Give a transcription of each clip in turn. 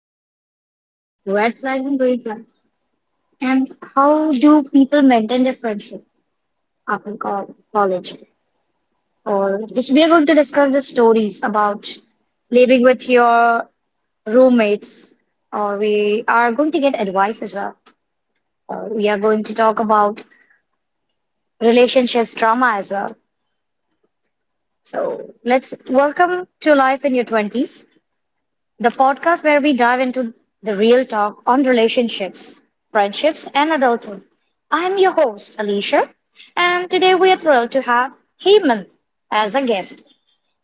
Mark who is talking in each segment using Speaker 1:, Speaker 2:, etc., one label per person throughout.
Speaker 1: in your 20s, red flags and green flags, and how do people maintain their friendship after college. Or this, we are going to discuss the stories about living with your roommates, or we are going to get advice as well. Or we are going to talk about relationships drama as well. So let's welcome to life in your 20s. The podcast where we dive into the real talk on relationships, friendships, and adulthood. I'm your host, Alicia, and today we are thrilled to have Hemant as a guest.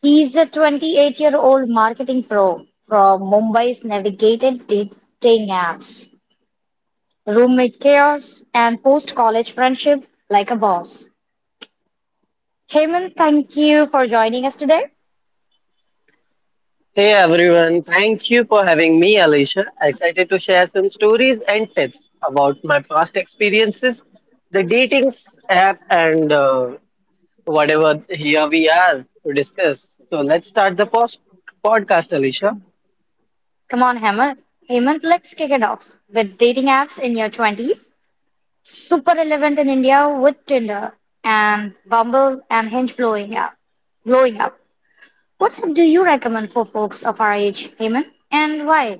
Speaker 1: He's a 28-year-old marketing pro from Mumbai's navigated dating apps, roommate chaos, and post college friendship like a boss. Hemant, thank you for joining us today.
Speaker 2: Hey everyone, thank you for having me, Alicia. Excited to share some stories and tips about my past experiences, the dating s- app, and whatever here we are to discuss. So let's start the post podcast, Alicia.
Speaker 1: Come on, Hemant. Hemant, let's kick it off with dating apps in your 20s. Super relevant in India with Tinder and Bumble and Hinge blowing up. Blowing up. What app do you recommend for folks of our age, Heyman, and why?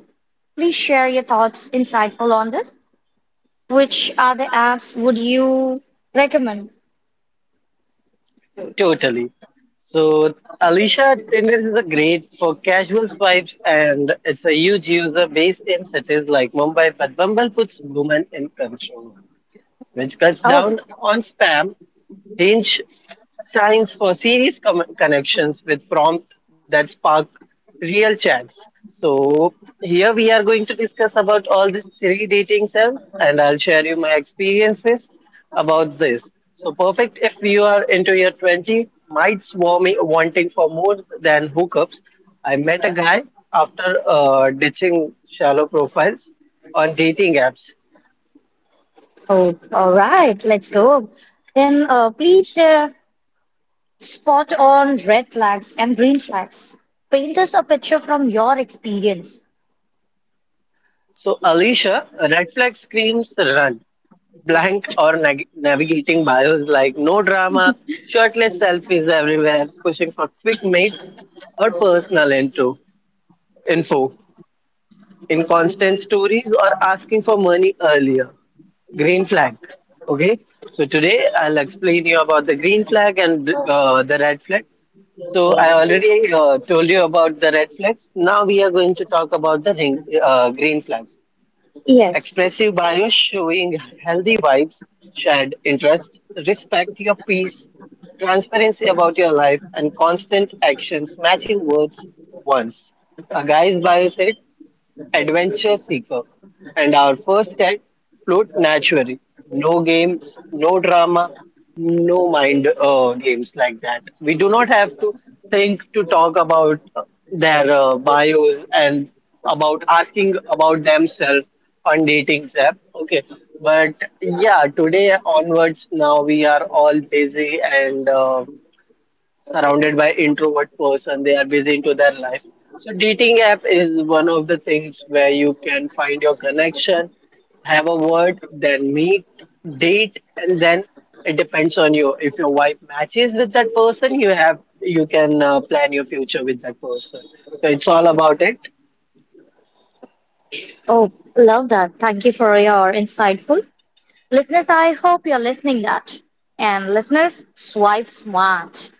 Speaker 1: Please share your thoughts, insightful on this. Which other apps would you recommend?
Speaker 2: Totally. So, Alicia, Tinder is a great for casual swipes, and it's a huge user base in cities like Mumbai. But Bumble puts women in control, which cuts
Speaker 1: Oh,
Speaker 2: down on spam. Range shines for serious connections with prompts that spark real chats. So here we are going to discuss about all these three dating apps, and I'll share you my experiences about this. So perfect if you are into your 20, might swarm wanting for more than hookups. I met a guy after ditching shallow profiles on dating apps.
Speaker 1: oh, all right, let's go. Then please spot on red flags and green flags. Paint us a picture from your experience.
Speaker 2: So, Alicia, red flag screams run. Blank or navigating bios like no drama, shirtless selfies everywhere, pushing for quick mates or info, inconstant stories or asking for money earlier. Green flag. Okay, so today I'll explain you about the green flag and the red flag. So I already told you about the red flags. Now we are going to talk about the green flags.
Speaker 1: Yes.
Speaker 2: Expressive bios showing healthy vibes, shared interest, respect your peace, transparency about your life, and constant actions matching words once. A guy's bio said, adventure seeker, and our first chat flowed naturally. No games, no drama, no mind games like that. We do not have to think to talk about their bios and about asking about themselves on dating app. Okay, but yeah, today onwards, now we are all busy and surrounded by introvert person, they are busy into their life, so dating app is one of the things where you can find your connection, have a word, then meet, date, and then it depends on you. If your wife matches with that person you have, you can plan your future with that person. So it's all about it.
Speaker 1: Oh, love that. Thank you for your insightful. Listeners, I hope you're listening that. And listeners, swipe smart.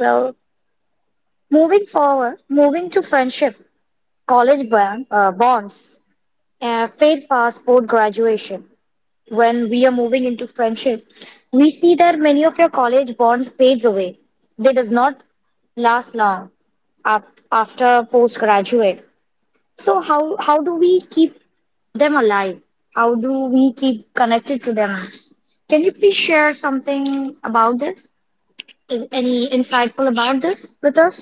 Speaker 1: Well, moving forward, moving to friendship, college bond, bonds, fade fast post graduation. When we are moving into friendship, we see that many of your college bonds fades away. They does not last long af- after post graduate. So how do we keep them alive? How do we keep connected to them? Can you please share something about this? Is any insightful about this with us?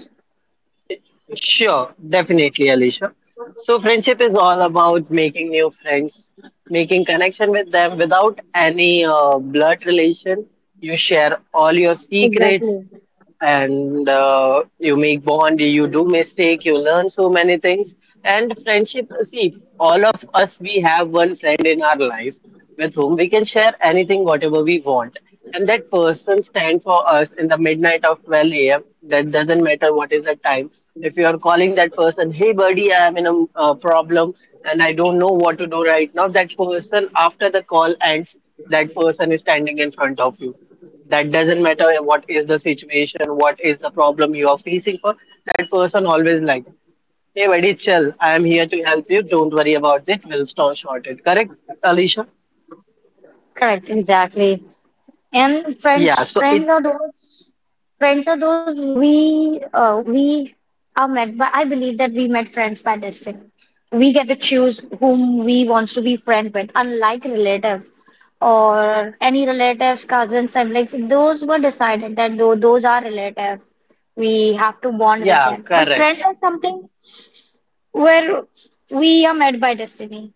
Speaker 2: Sure, definitely, Alicia. So, friendship is all about making new friends, making connection with them without any blood relation. You share all your secrets,
Speaker 1: Exactly.
Speaker 2: and you make bond, you do mistake, you learn so many things. And friendship, see, all of us, we have one friend in our life with whom we can share anything whatever we want, and that person stand for us in the midnight of 12 a.m. That doesn't matter what is the time. If you are calling that person, hey buddy, I am in a problem and I don't know what to do right now, that person, after the call ends, that person is standing in front of you. That doesn't matter what is the situation, what is the problem you are facing for, that person always like, hey buddy, chill, I am here to help you, don't worry about it, we'll not short it, correct, Alicia?
Speaker 1: Correct, exactly. And
Speaker 2: Yeah,
Speaker 1: friends,
Speaker 2: so it.
Speaker 1: friends are those friends are those we we are met by. I believe that we met friends by destiny. We get to choose whom we wants to be friend with, unlike relative or any relatives, cousins, siblings. Those were decided that though those are relative, we have to bond with
Speaker 2: Yeah,
Speaker 1: them. But
Speaker 2: correct.
Speaker 1: friends are something where we are met by destiny.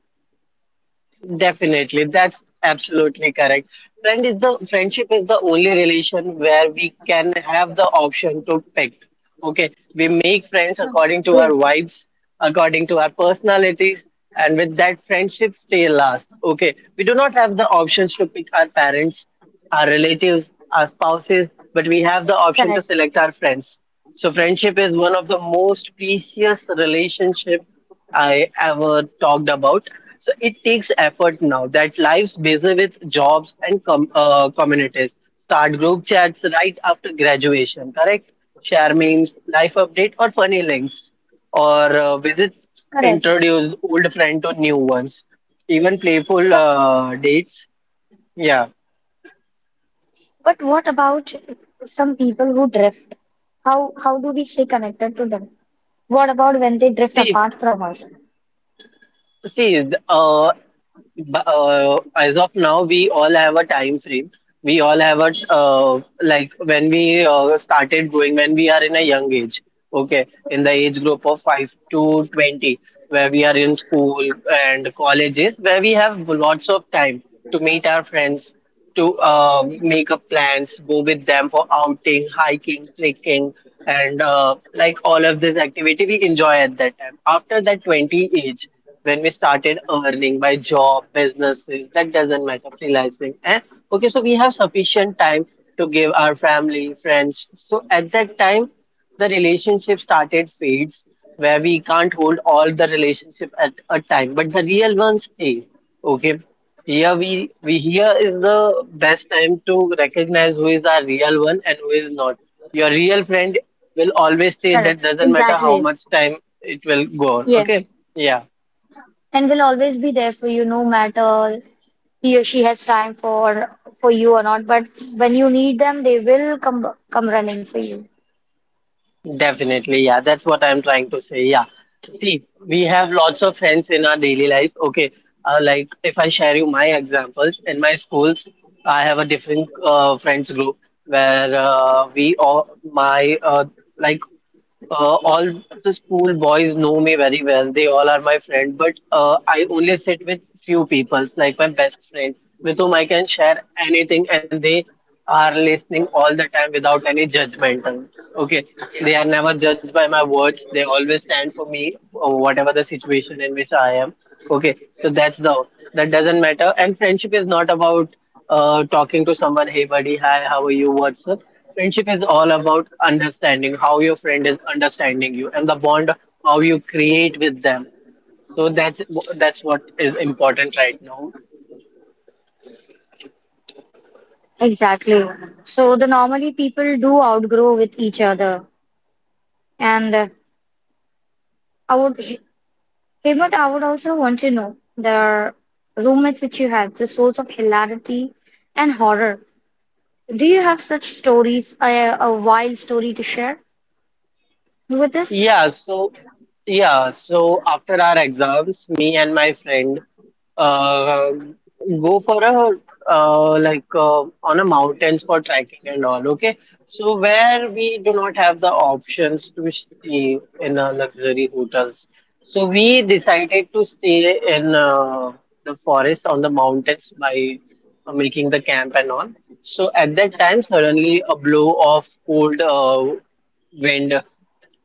Speaker 2: Definitely, that's absolutely correct. Friendship is the only relation where we can have the option to pick. Okay, we make friends according to our
Speaker 1: Yes,
Speaker 2: vibes, according to our personalities, and with that friendship stay last. Okay, we do not have the options to pick our parents, our relatives, our spouses, but we have the option to
Speaker 1: correct,
Speaker 2: select our friends. So friendship is one of the most precious relationship I ever talked about. So it takes effort now that lives busy with jobs and communities. Start group chats right after graduation, correct? Share memes, life update, or funny links, or
Speaker 1: correct.
Speaker 2: introduce old friend to new ones. Even playful
Speaker 1: But.
Speaker 2: dates. Yeah.
Speaker 1: But what about some people who drift? How do we stay connected to them? What about when they drift
Speaker 2: See,
Speaker 1: apart from us?
Speaker 2: See, uh, as of now, we all have a time frame. We all have a like when we started growing, when we are in a young age. Okay, in the age group of 5 to 20, where we are in school and colleges, where we have lots of time to meet our friends, to make up plans, go with them for outing, hiking, trekking and like all of this activity we enjoy at that time. After that 20 age, when we started earning by job, businesses, that doesn't matter, freelancing, eh? Okay, so we have sufficient time to give our family, friends. So at that time, the relationship started fades, where we can't hold all the relationship at a time, but the real ones stay. Okay, here we here is the best time to recognize who is our real one and who is not. Your real friend will always stay,
Speaker 1: Correct.
Speaker 2: that doesn't matter how
Speaker 1: Exactly.
Speaker 2: much time, it will go on.
Speaker 1: Yes.
Speaker 2: Okay, yeah.
Speaker 1: And will always be there for you, no matter he or she has time for you or not. But when you need them, they will come running for you.
Speaker 2: Definitely, yeah, that's what I'm trying to say. Yeah, see, we have lots of friends in our daily life. Okay, like if I share you my examples, in my schools, I have a different friends group where we all my like all the school boys know me very well. They all are my friend, but I only sit with few people, like my best friend, with whom I can share anything, and they are listening all the time without any judgmentals. Okay, they are never judged by my words. They always stand for me, whatever the situation in which I am. Okay, so that's the, that doesn't matter. And friendship is not about talking to someone, hey buddy, hi, how are you? What's up? Friendship is all about understanding how your friend is understanding you and the bond how you create with them. So that's what is important right now.
Speaker 1: Exactly. So the normally people do outgrow with each other, and I would. Hemant, I would also want to know the roommates which you had, the source of hilarity and horror. Do you have such stories, a wild story to share with us?
Speaker 2: Yeah, so yeah, so after our exams, me and my friend Um go for a on a mountains for trekking and all. Okay, so where we do not have the options to stay in luxury hotels, so we decided to stay in the forest on the mountains by making the camp and all. So at that time, suddenly a blow of cold wind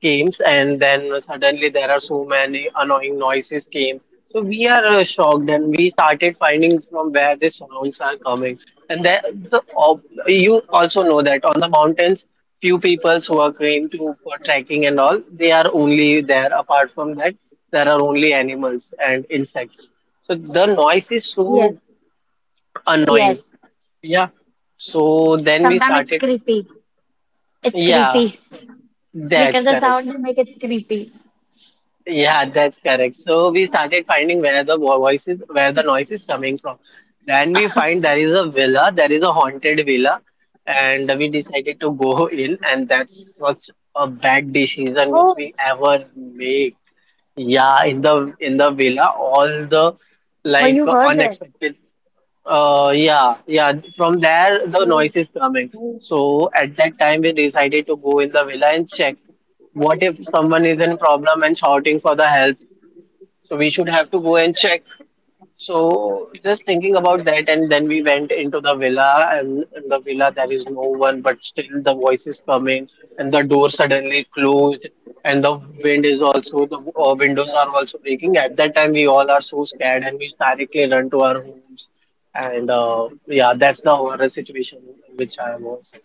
Speaker 2: games, and then suddenly there are so many annoying noises came. So we are shocked, and we started finding from where these sounds are coming. And then the ob you also know that on the mountains, few people who are going to for trekking and all, they are only there. Apart from that, there are only animals and insects. So the noise is so
Speaker 1: Yes,
Speaker 2: annoying.
Speaker 1: yes.
Speaker 2: Yeah, so then we
Speaker 1: Sometimes it's
Speaker 2: started.
Speaker 1: creepy. It's
Speaker 2: Yeah,
Speaker 1: creepy
Speaker 2: that's
Speaker 1: because the
Speaker 2: correct.
Speaker 1: sound they make it's creepy.
Speaker 2: Yeah, that's correct. So we started finding where voices, where the noise is coming from. Then we find there is a villa, there is a haunted villa, and we decided to go in, and that's such a bad decision which
Speaker 1: Oh,
Speaker 2: we ever made. Yeah, in the villa, all the
Speaker 1: well,
Speaker 2: like
Speaker 1: you heard that.
Speaker 2: unexpected yeah. From there, the
Speaker 1: Oh,
Speaker 2: noise is coming. So at that time, we decided to go in the villa and check. What if someone is in problem and shouting for the help? So we should have to go and check. So just thinking about that, and then we went into the villa, and in the villa there is no one, but still the voice is coming, and the door suddenly closed, and the wind is also the windows are also breaking. At that time, we all are so scared, and we directly run to our homes, and yeah, that's the horror situation in which I was.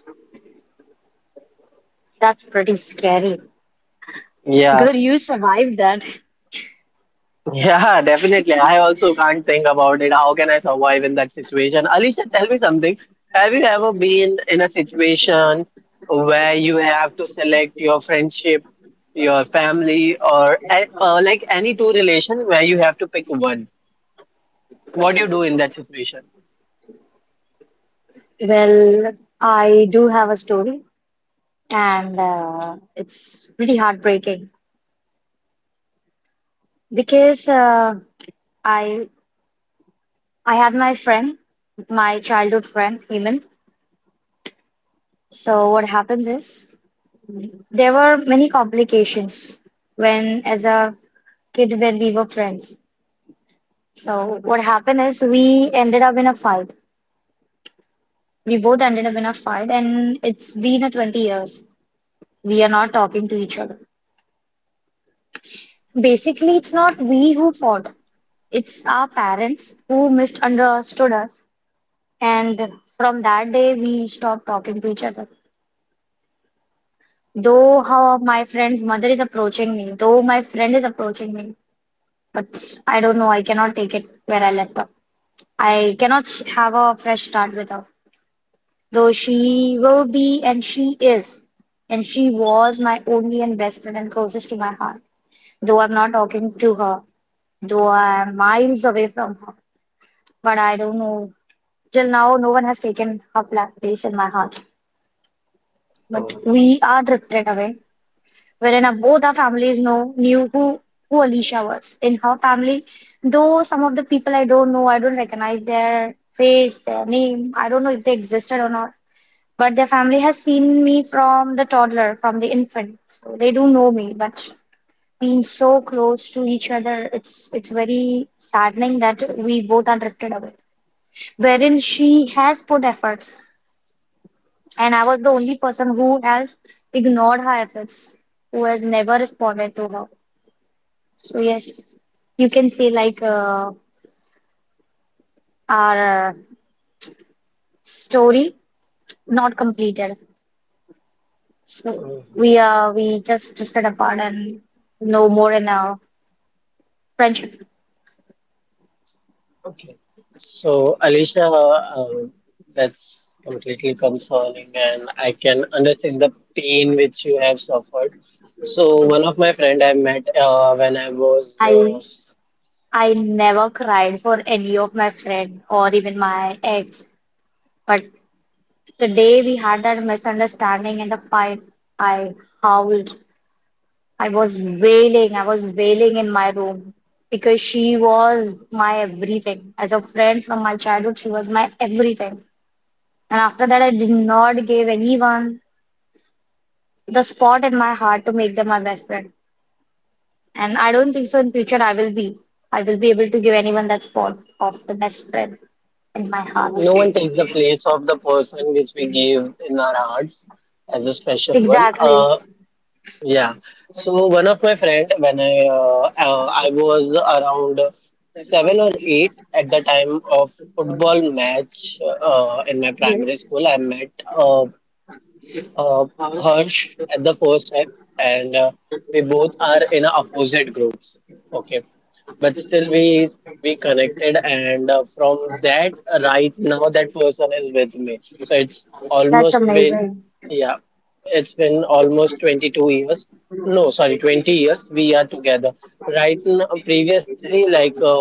Speaker 1: that's pretty scary.
Speaker 2: Yeah.
Speaker 1: Good, you survived that.
Speaker 2: Yeah, definitely. I also can't think about it. How can I survive in that situation? Alicia, tell me something. Have you ever been in a situation where you have to select your friendship, your family, or like any two relation where you have to pick one? What do you do in that situation?
Speaker 1: Well, I do have a story, and it's pretty heartbreaking. Because I I had my friend, my childhood friend Hemant. So what happens is there were many complications when as a kid when we were friends. So what happened is we ended up in a fight. We both ended up in a fight, and it's been a 20 years. We are not talking to each other. Basically, it's not we who fought. It's our parents who misunderstood us, and from that day we stopped talking to each other. Though how my friend's mother is approaching me, though my friend is approaching me, but I don't know, I cannot take it where I left off. I cannot have a fresh start with her. Though she will be and she is, and she was my only and best friend and closest to my heart. Though I'm not talking to her, though I'm miles away from her, but I don't know. Till now, no one has taken her place in my heart. But
Speaker 2: Oh.
Speaker 1: we are drifted away. Wherein both our families know knew who Alicia was in her family. Though some of the people I don't know, I don't recognize their face, their name. I don't know if they existed or not. But their family has seen me from the toddler, from the infant, so they do know me. But being so close to each other, it's very saddening that we both are drifted away. Wherein she has put efforts, and I was the only person who has ignored her efforts, who has never responded to her. So yes, you can say like our story not completed. So we just drifted apart and no more in our friendship.
Speaker 2: Okay. So, Alicia, that's completely consoling, and I can understand the pain which you have suffered. So, one of my friend I met when I was
Speaker 1: I I never cried for any of my friend or even my ex. But the day we had that misunderstanding and the fight, I howled. I was wailing in my room because she was my everything. As a friend from my childhood, she was my everything. And after that, I did not give anyone the spot in my heart to make them my best friend. And I don't think so in future I will be. I will be able to give anyone that spot of the best friend in my heart.
Speaker 2: no one takes the place of the person which we give in our hearts as a special one.
Speaker 1: Exactly.
Speaker 2: Yeah. So one of my friend, when I was around seven or eight at the time of football match in my primary
Speaker 1: Yes.
Speaker 2: school, I met a uh, Harsh at the first time, and we both are in a opposite groups. Okay, but still we connected, and from that right now that person is with me. So it's
Speaker 1: That's
Speaker 2: almost been,
Speaker 1: amazing.
Speaker 2: yeah, it's been almost 22 years. No, sorry, 20 years we are together. Right now, previously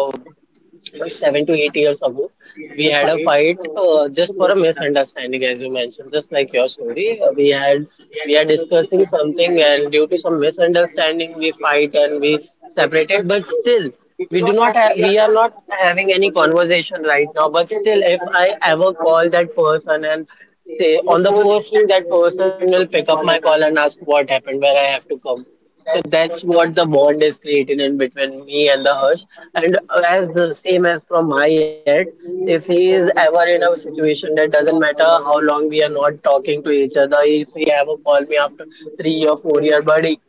Speaker 2: was 7 to 8 years ago. We had a fight just for a misunderstanding, as you mentioned, just like your story. We are discussing something, and due to some misunderstanding, we fight and we separated. But still, we are not having any conversation right now. But still, if I ever call that person and say on the first ring, that person will pick up my call and ask what happened, where I have to come. So that's what the bond is created in between me and the Harsh. And as the same as from my end, if he is ever in a situation that doesn't matter how long we are not talking to each other, if he ever call me after 3 or 4 year, buddy,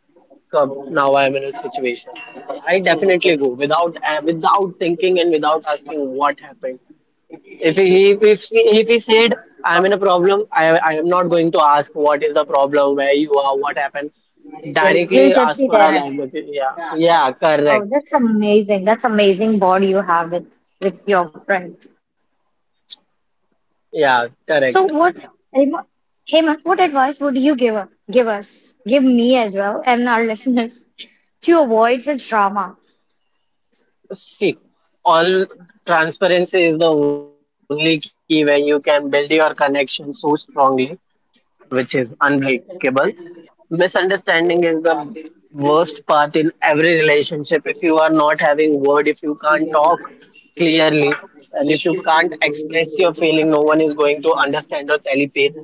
Speaker 2: come now I'm in a situation. I definitely go without without thinking and without asking what happened. If he said I'm in a problem, I am not going to ask what is the problem, where you are, what happened.
Speaker 1: You'll
Speaker 2: Directly
Speaker 1: just
Speaker 2: ask
Speaker 1: be
Speaker 2: for a
Speaker 1: there.
Speaker 2: language. Yeah, yeah, correct.
Speaker 1: Oh, that's amazing. That's amazing bond you have with your friend.
Speaker 2: Yeah,
Speaker 1: So
Speaker 2: correct.
Speaker 1: what, Hema, Hema, what advice would you give give us, give me as well, and our listeners to avoid such drama?
Speaker 2: See, all transparency is the only key where you can build your connection so strongly, which is unbreakable. Misunderstanding is the worst part in every relationship. If you are not having word, if you can't talk clearly, and if you can't express your feeling, no one is going to understand or telepathy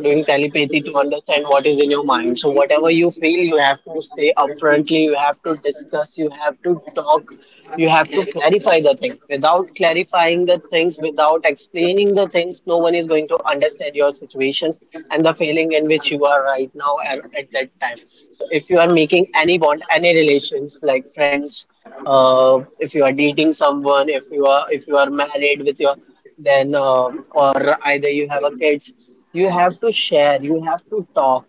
Speaker 2: doing telepathy to understand what is in your mind. So whatever you feel, you have to say upfrontly, you have to discuss, you have to talk, you have to clarify the thing. Without clarifying the things, without explaining the things, no one is going to understand your situations and the feeling in which you are right now at that time. So if you are making any bond, any relations like friends, if you are dating someone, if you are married with your then or either you have a kids you have to share, you have to talk.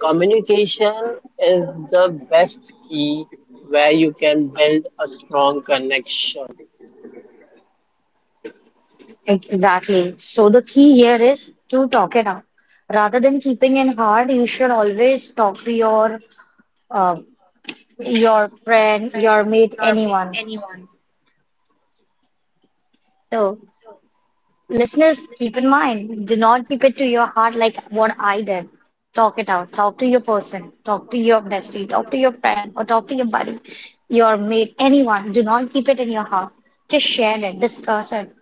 Speaker 2: Communication is the best key where you can build a strong connection.
Speaker 1: Exactly. So the key here is to talk it out. Rather than keeping it hard, you should always talk to uh, your friend, your mate, anyone. So listeners, keep in mind, do not keep it to your heart like what I did. Talk it out. Talk to your person. Talk to your bestie. Talk to your friend or talk to your buddy, your mate, anyone. Do not keep it in your heart. Just share it, discuss it,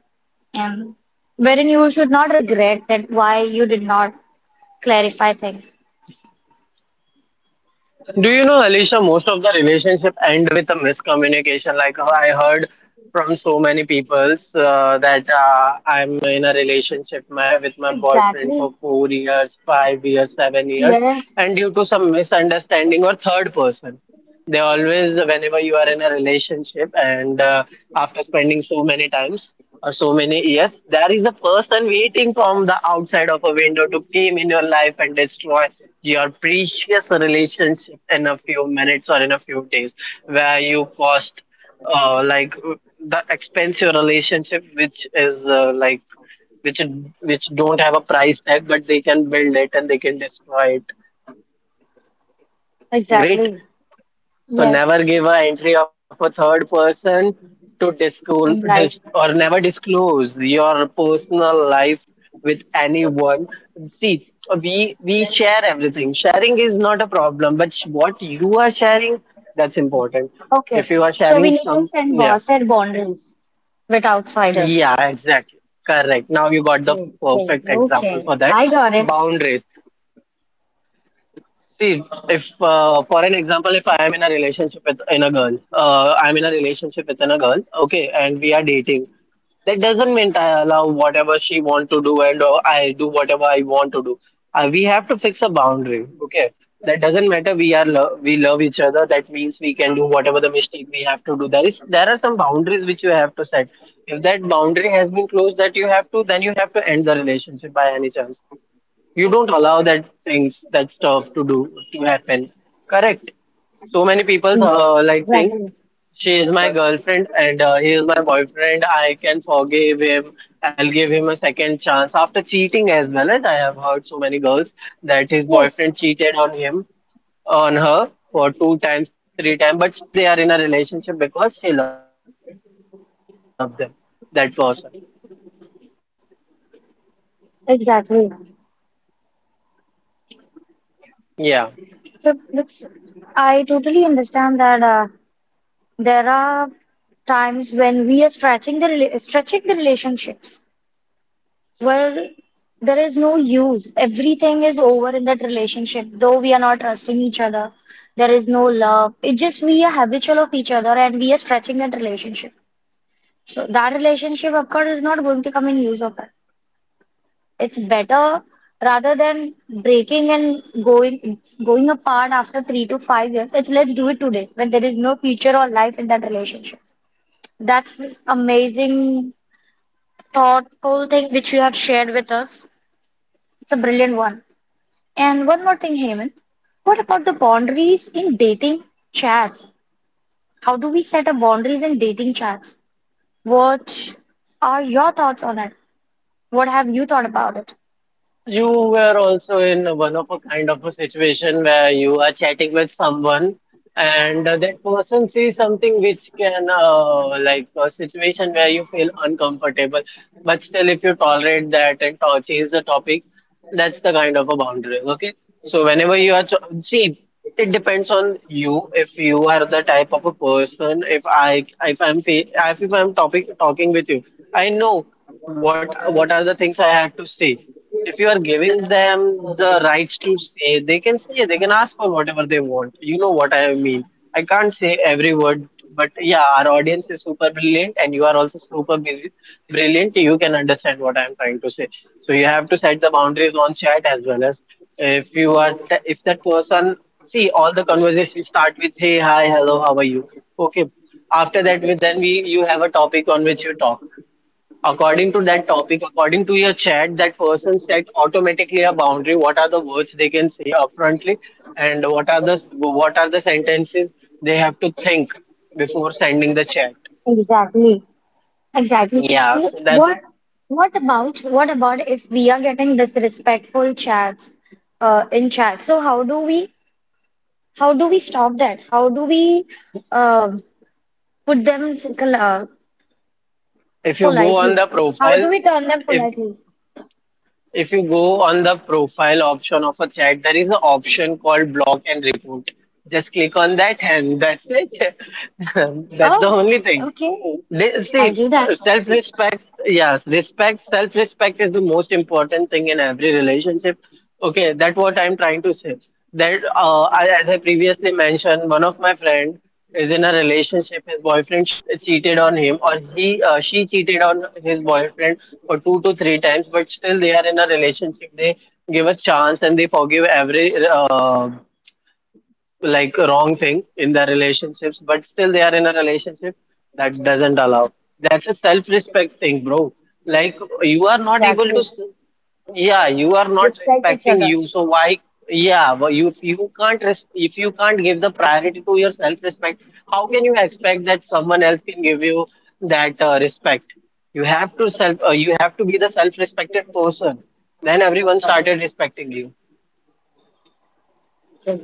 Speaker 1: and wherein you should not regret that why you did not clarify things.
Speaker 2: Do you know, Alicia, most of the relationship end with a miscommunication. Like I heard from so many peoples that I'm in a relationship my, with my boyfriend for
Speaker 1: Exactly.
Speaker 2: 4 years, 5 years, 7 years,
Speaker 1: Yes.
Speaker 2: and due to some misunderstanding or third person, they always, whenever you are in a relationship, and after spending so many times so many years there is a person waiting from the outside of a window to came in your life and destroy your precious relationship in a few minutes or in a few days where you cost like the expensive relationship which is like which which don't have a price tag but they can build it and they can destroy it. Great.
Speaker 1: Exactly.
Speaker 2: So
Speaker 1: Yes.
Speaker 2: never give a entry of a third person to disclose
Speaker 1: In
Speaker 2: dis,
Speaker 1: life.
Speaker 2: or never disclose your personal life with anyone. See, we share everything. Sharing is not a problem, but what you are sharing, that's important.
Speaker 1: Okay.
Speaker 2: If you are
Speaker 1: So we
Speaker 2: sharing
Speaker 1: need to
Speaker 2: some, yeah,
Speaker 1: set boundaries with outsiders.
Speaker 2: yeah, exactly, correct. Now you got the
Speaker 1: Okay,
Speaker 2: perfect example
Speaker 1: okay.
Speaker 2: for that.
Speaker 1: I got it.
Speaker 2: Boundaries. See, if for an example, if I am in a relationship with in a girl, I'm in a relationship with in a girl, okay, and we are dating. That doesn't mean I allow whatever she want to do and I do whatever I want to do. We have to fix a boundary, okay? That doesn't matter. We are lo we love each other. That means we can do whatever the mistake we have to do. There are some boundaries which you have to set. If that boundary has been closed, that you have to then you have to end the relationship by any chance you don't allow that things, that stuff to do, to happen. Correct. So many people
Speaker 1: Mm,
Speaker 2: like think
Speaker 1: exactly.
Speaker 2: she is my girlfriend and he is my boyfriend. I can forgive him. I'll give him a second chance after cheating as well as I have heard so many girls that his
Speaker 1: Yes,
Speaker 2: boyfriend cheated on him, on her for 2 times, 3 times, but still they are in a relationship because she loved them, that person.
Speaker 1: exactly.
Speaker 2: Yeah.
Speaker 1: So it's, I totally understand that there are times when we are stretching the stretching the relationships where there is no use. Everything is over in that relationship, though we are not trusting each other. There is no love. It just we are habitual of each other and we are stretching that relationship. So that relationship, of course, is not going to come in use of it. It's better rather than breaking and going apart after 3 to 5 years. It's let's do it today when there is no future or life in that relationship. That's this amazing, thoughtful thing which you have shared with us. It's a brilliant one. And one more thing, Hemant. What about the boundaries in dating chats? How do we set up boundaries in dating chats? What are your thoughts on it? What have you thought about it?
Speaker 2: You were also in one of a kind of a situation where you are chatting with someone and that person sees something which can like a situation where you feel uncomfortable, but still if you tolerate that and to change the topic, that's the kind of a boundaries, okay? So whenever you are ch see, it depends on you. If you are the type of a person, if I'm topic talking with you, I know what what are the things I have to say if you are giving them the rights to say, they can ask for whatever they want. You know what I mean. I can't say every word, but yeah, our audience is super brilliant, and you are also brilliant. You can understand what I'm trying to say. So you have to set the boundaries on chat as well as if you are, if that person, see, all the conversations start with, hey, hi, hello, how are you? Okay. After that, we then we you have a topic on which you talk. According to that topic, according to your chat, that person set automatically a boundary. What are the words they can say upfrontly, and what are the sentences they have to think before sending the chat?
Speaker 1: Exactly. Exactly.
Speaker 2: Yeah, so that's
Speaker 1: What what about if we are getting disrespectful chats in chat? So how do we stop that? How do we um put them
Speaker 2: if you go on
Speaker 1: politely?
Speaker 2: the
Speaker 1: How do
Speaker 2: profile,
Speaker 1: we turn them
Speaker 2: if
Speaker 1: politely?
Speaker 2: if you go on the profile option of a chat, there is an option called block and report. Just click on that, and that's it. That's the
Speaker 1: Oh,
Speaker 2: only thing.
Speaker 1: okay.
Speaker 2: They,
Speaker 1: I'll
Speaker 2: see,
Speaker 1: do that.
Speaker 2: self respect, yes, respect, self respect is the most important thing in every relationship. Okay, that's what I'm trying to say. That, I, as I previously mentioned, one of my friend is in a relationship. His boyfriend cheated on him, or he, she cheated on his boyfriend for 2 to 3 times. But still, they are in a relationship. They give a chance and they forgive every. Like wrong thing in their relationships, but still they are in a relationship that doesn't allow. That's a self-respect thing, bro. Like you are not able to,
Speaker 1: Exactly.
Speaker 2: yeah, you are not
Speaker 1: Respect each
Speaker 2: respecting
Speaker 1: other.
Speaker 2: you. So why, yeah, but you if you can't res if you can't give the priority to your self-respect, how can you expect that someone else can give you that respect? You have to you have to be the self-respected person. Then everyone started respecting you.
Speaker 1: H-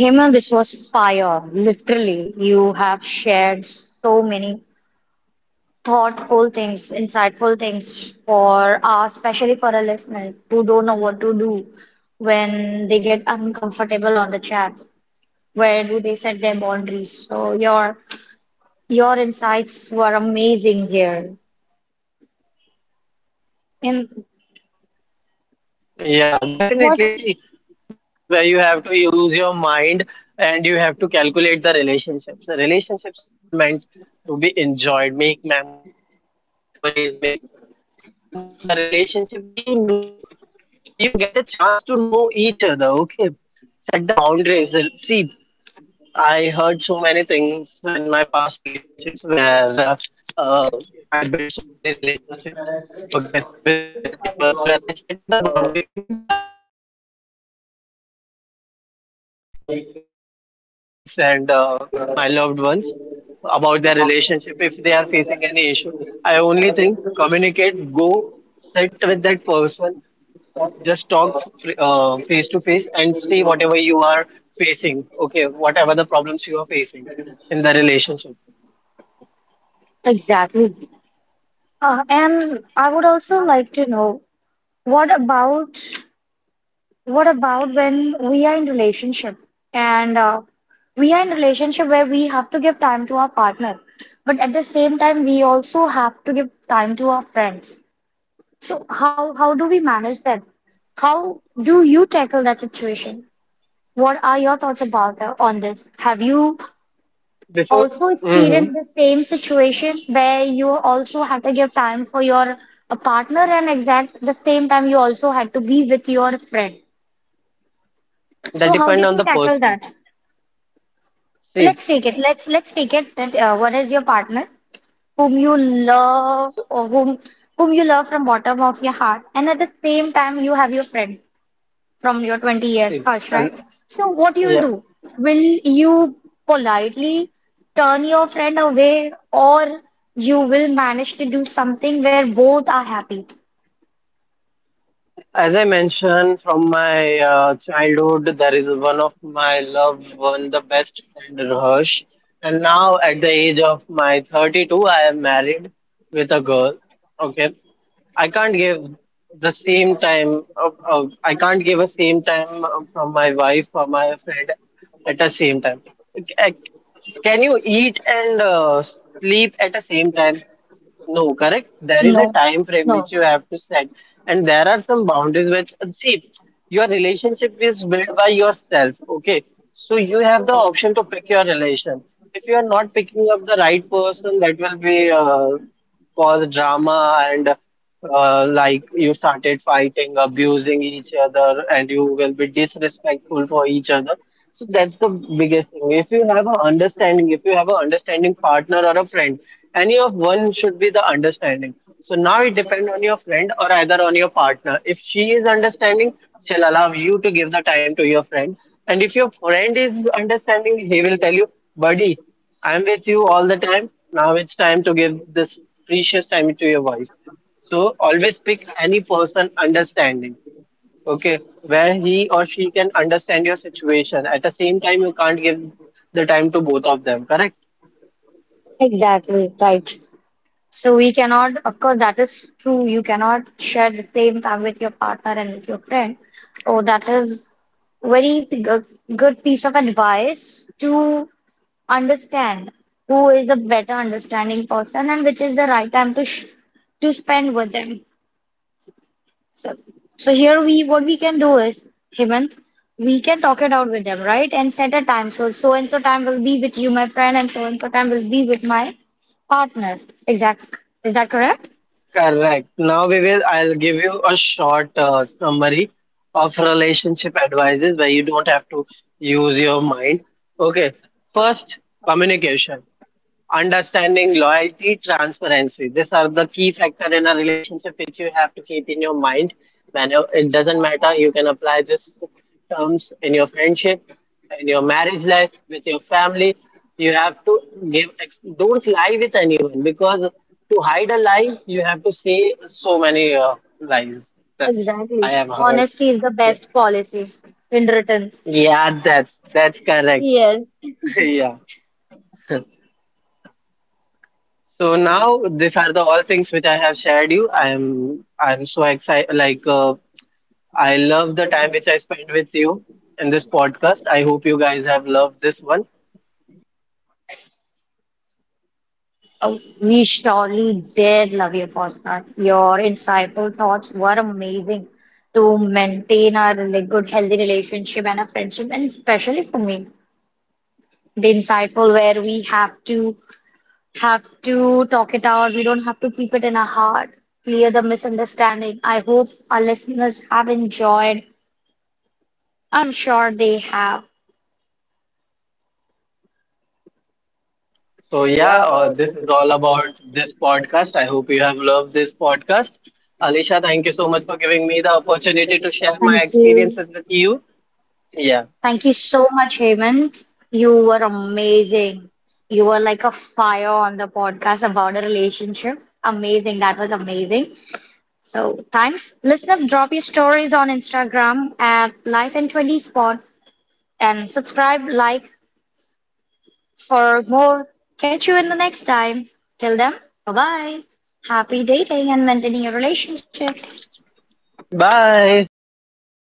Speaker 1: Hema, this was fire. Literally, you have shared so many thoughtful things, insightful things for us, especially for our listeners who don't know what to do when they get uncomfortable on the chat. Where do they set their boundaries? So your insights were amazing here. And
Speaker 2: Yeah, definitely. See, this
Speaker 1: what
Speaker 2: is not a rocket science where you have to use your mind and you have to calculate the relationships. The relationships are all meant to be enjoyed, make memories, make mistakes, learn from the relationship where you know, where you get a chance to know each other. Okay, set the boundaries. See, I heard so many things in my past relationships where uh, I built so many relationships, okay, with so many people, where I set it the boundary, even though I also give a relationship advice to my friends, colleagues, and my loved ones about their relationship if they are facing any issue. I only think communicate, go sit with that person, just talk face to face and see whatever you are facing okay whatever the problems you are facing in the relationship
Speaker 1: exactly? And I would also like to know what about what about when we are in relationship and we are in relationship where we have to give time to our partner, but at the same time we also have to give time to our friends. So how do we manage that? How do you tackle that situation? What are your thoughts about on this? Have you
Speaker 2: before
Speaker 1: also
Speaker 2: hmm
Speaker 1: experienced the same situation where you also had to give time for your partner and exact the same time you also had to be with your friend?
Speaker 2: that
Speaker 1: So how
Speaker 2: depend
Speaker 1: did
Speaker 2: on
Speaker 1: you
Speaker 2: the
Speaker 1: tackle
Speaker 2: person
Speaker 1: that? Let's
Speaker 2: see
Speaker 1: take it. Let's take it that one is your partner, whom you love
Speaker 2: so,
Speaker 1: or whom you love from bottom of your heart, and at the same time you have your friend from your 20 years,
Speaker 2: see
Speaker 1: Harsh,
Speaker 2: and
Speaker 1: right? So what you'll
Speaker 2: yeah.
Speaker 1: do? Will you politely turn your friend away, or you will manage to do something where both are happy?
Speaker 2: As I mentioned from my childhood, there is one of my loved one, the best friend Rosh. And now at the age of my 32, I am married with a girl. Okay. I can't give the same time of I can't give a same time from my wife or my friend at the same time. Ac- ac- Can you eat and sleep at the same time? No, correct. There
Speaker 1: No,
Speaker 2: is a time frame
Speaker 1: no,
Speaker 2: which you have to set, and there are some boundaries which see your relationship is built by yourself. Okay, so you have the option to pick your relation. If you are not picking up the right person, that will be cause drama and like you started fighting, abusing each other, and you will be disrespectful for each other. So that's the biggest thing. If you have a understanding, if you have a understanding partner or a friend, any of one should be the understanding. So now it depends on your friend or either on your partner. If she is understanding, she'll allow you to give the time to your friend. And if your friend is understanding, he will tell you, buddy, I'm with you all the time. Now it's time to give this precious time to your wife. So always pick any person understanding. Okay, where he or she can understand your situation. At the same time, you can't give the time to both of them, correct?
Speaker 1: exactly right. So we cannot, of course, that is true. You cannot share the same time with your partner and with your friend. Oh, that is very good piece of advice to understand who is a better understanding person and which is the right time to sh to spend with them. So, so here we what we can do is, Hemant, we can talk it out with them, right? And set a time. So so and so time will be with you, my friend, and so time will be with my partner. Exact. Is that correct?
Speaker 2: Correct. Now we will, I'll give you a short summary of relationship advices where you don't have to use your mind. Okay, first, communication. Understanding, loyalty, transparency. These are the key factor in a relationship which you have to keep in your mind. When it doesn't matter, you can apply these terms in your friendship, in your marriage life, with your family. You have to Don't lie with anyone because to hide a lie, you have to say so many lies. That's
Speaker 1: Exactly.
Speaker 2: I have heard.
Speaker 1: Honesty is the
Speaker 2: Yeah,
Speaker 1: best policy in return.
Speaker 2: yeah, that's correct.
Speaker 1: Yes.
Speaker 2: Yeah. So now these are the all things which I have shared you. I'm so excited. Like I love the time which I spent with you in this podcast. I hope you guys have loved this one.
Speaker 1: Uh, we surely did love your podcast. Your insightful thoughts were amazing to maintain our really good, healthy relationship and a friendship, and especially for me, the insightful where we have to talk it out. We don't have to keep it in our heart. Clear the misunderstanding. I hope our listeners have enjoyed. I'm sure they have.
Speaker 2: So yeah, this is all about this podcast. I hope you have loved this podcast. Alisha, thank you so much for giving me the opportunity to share my
Speaker 1: Thank you.
Speaker 2: experiences with you. Yeah.
Speaker 1: Thank you so much, Hemant. You were amazing. You were like a fire on the podcast about a relationship. Amazing. That was amazing. So thanks. Listener, drop your stories on Instagram at Life in 20 Spot and subscribe, like for more. Catch you in the next time. Till then, bye bye. Happy dating and maintaining your relationships.
Speaker 2: Bye. Take care of yourself.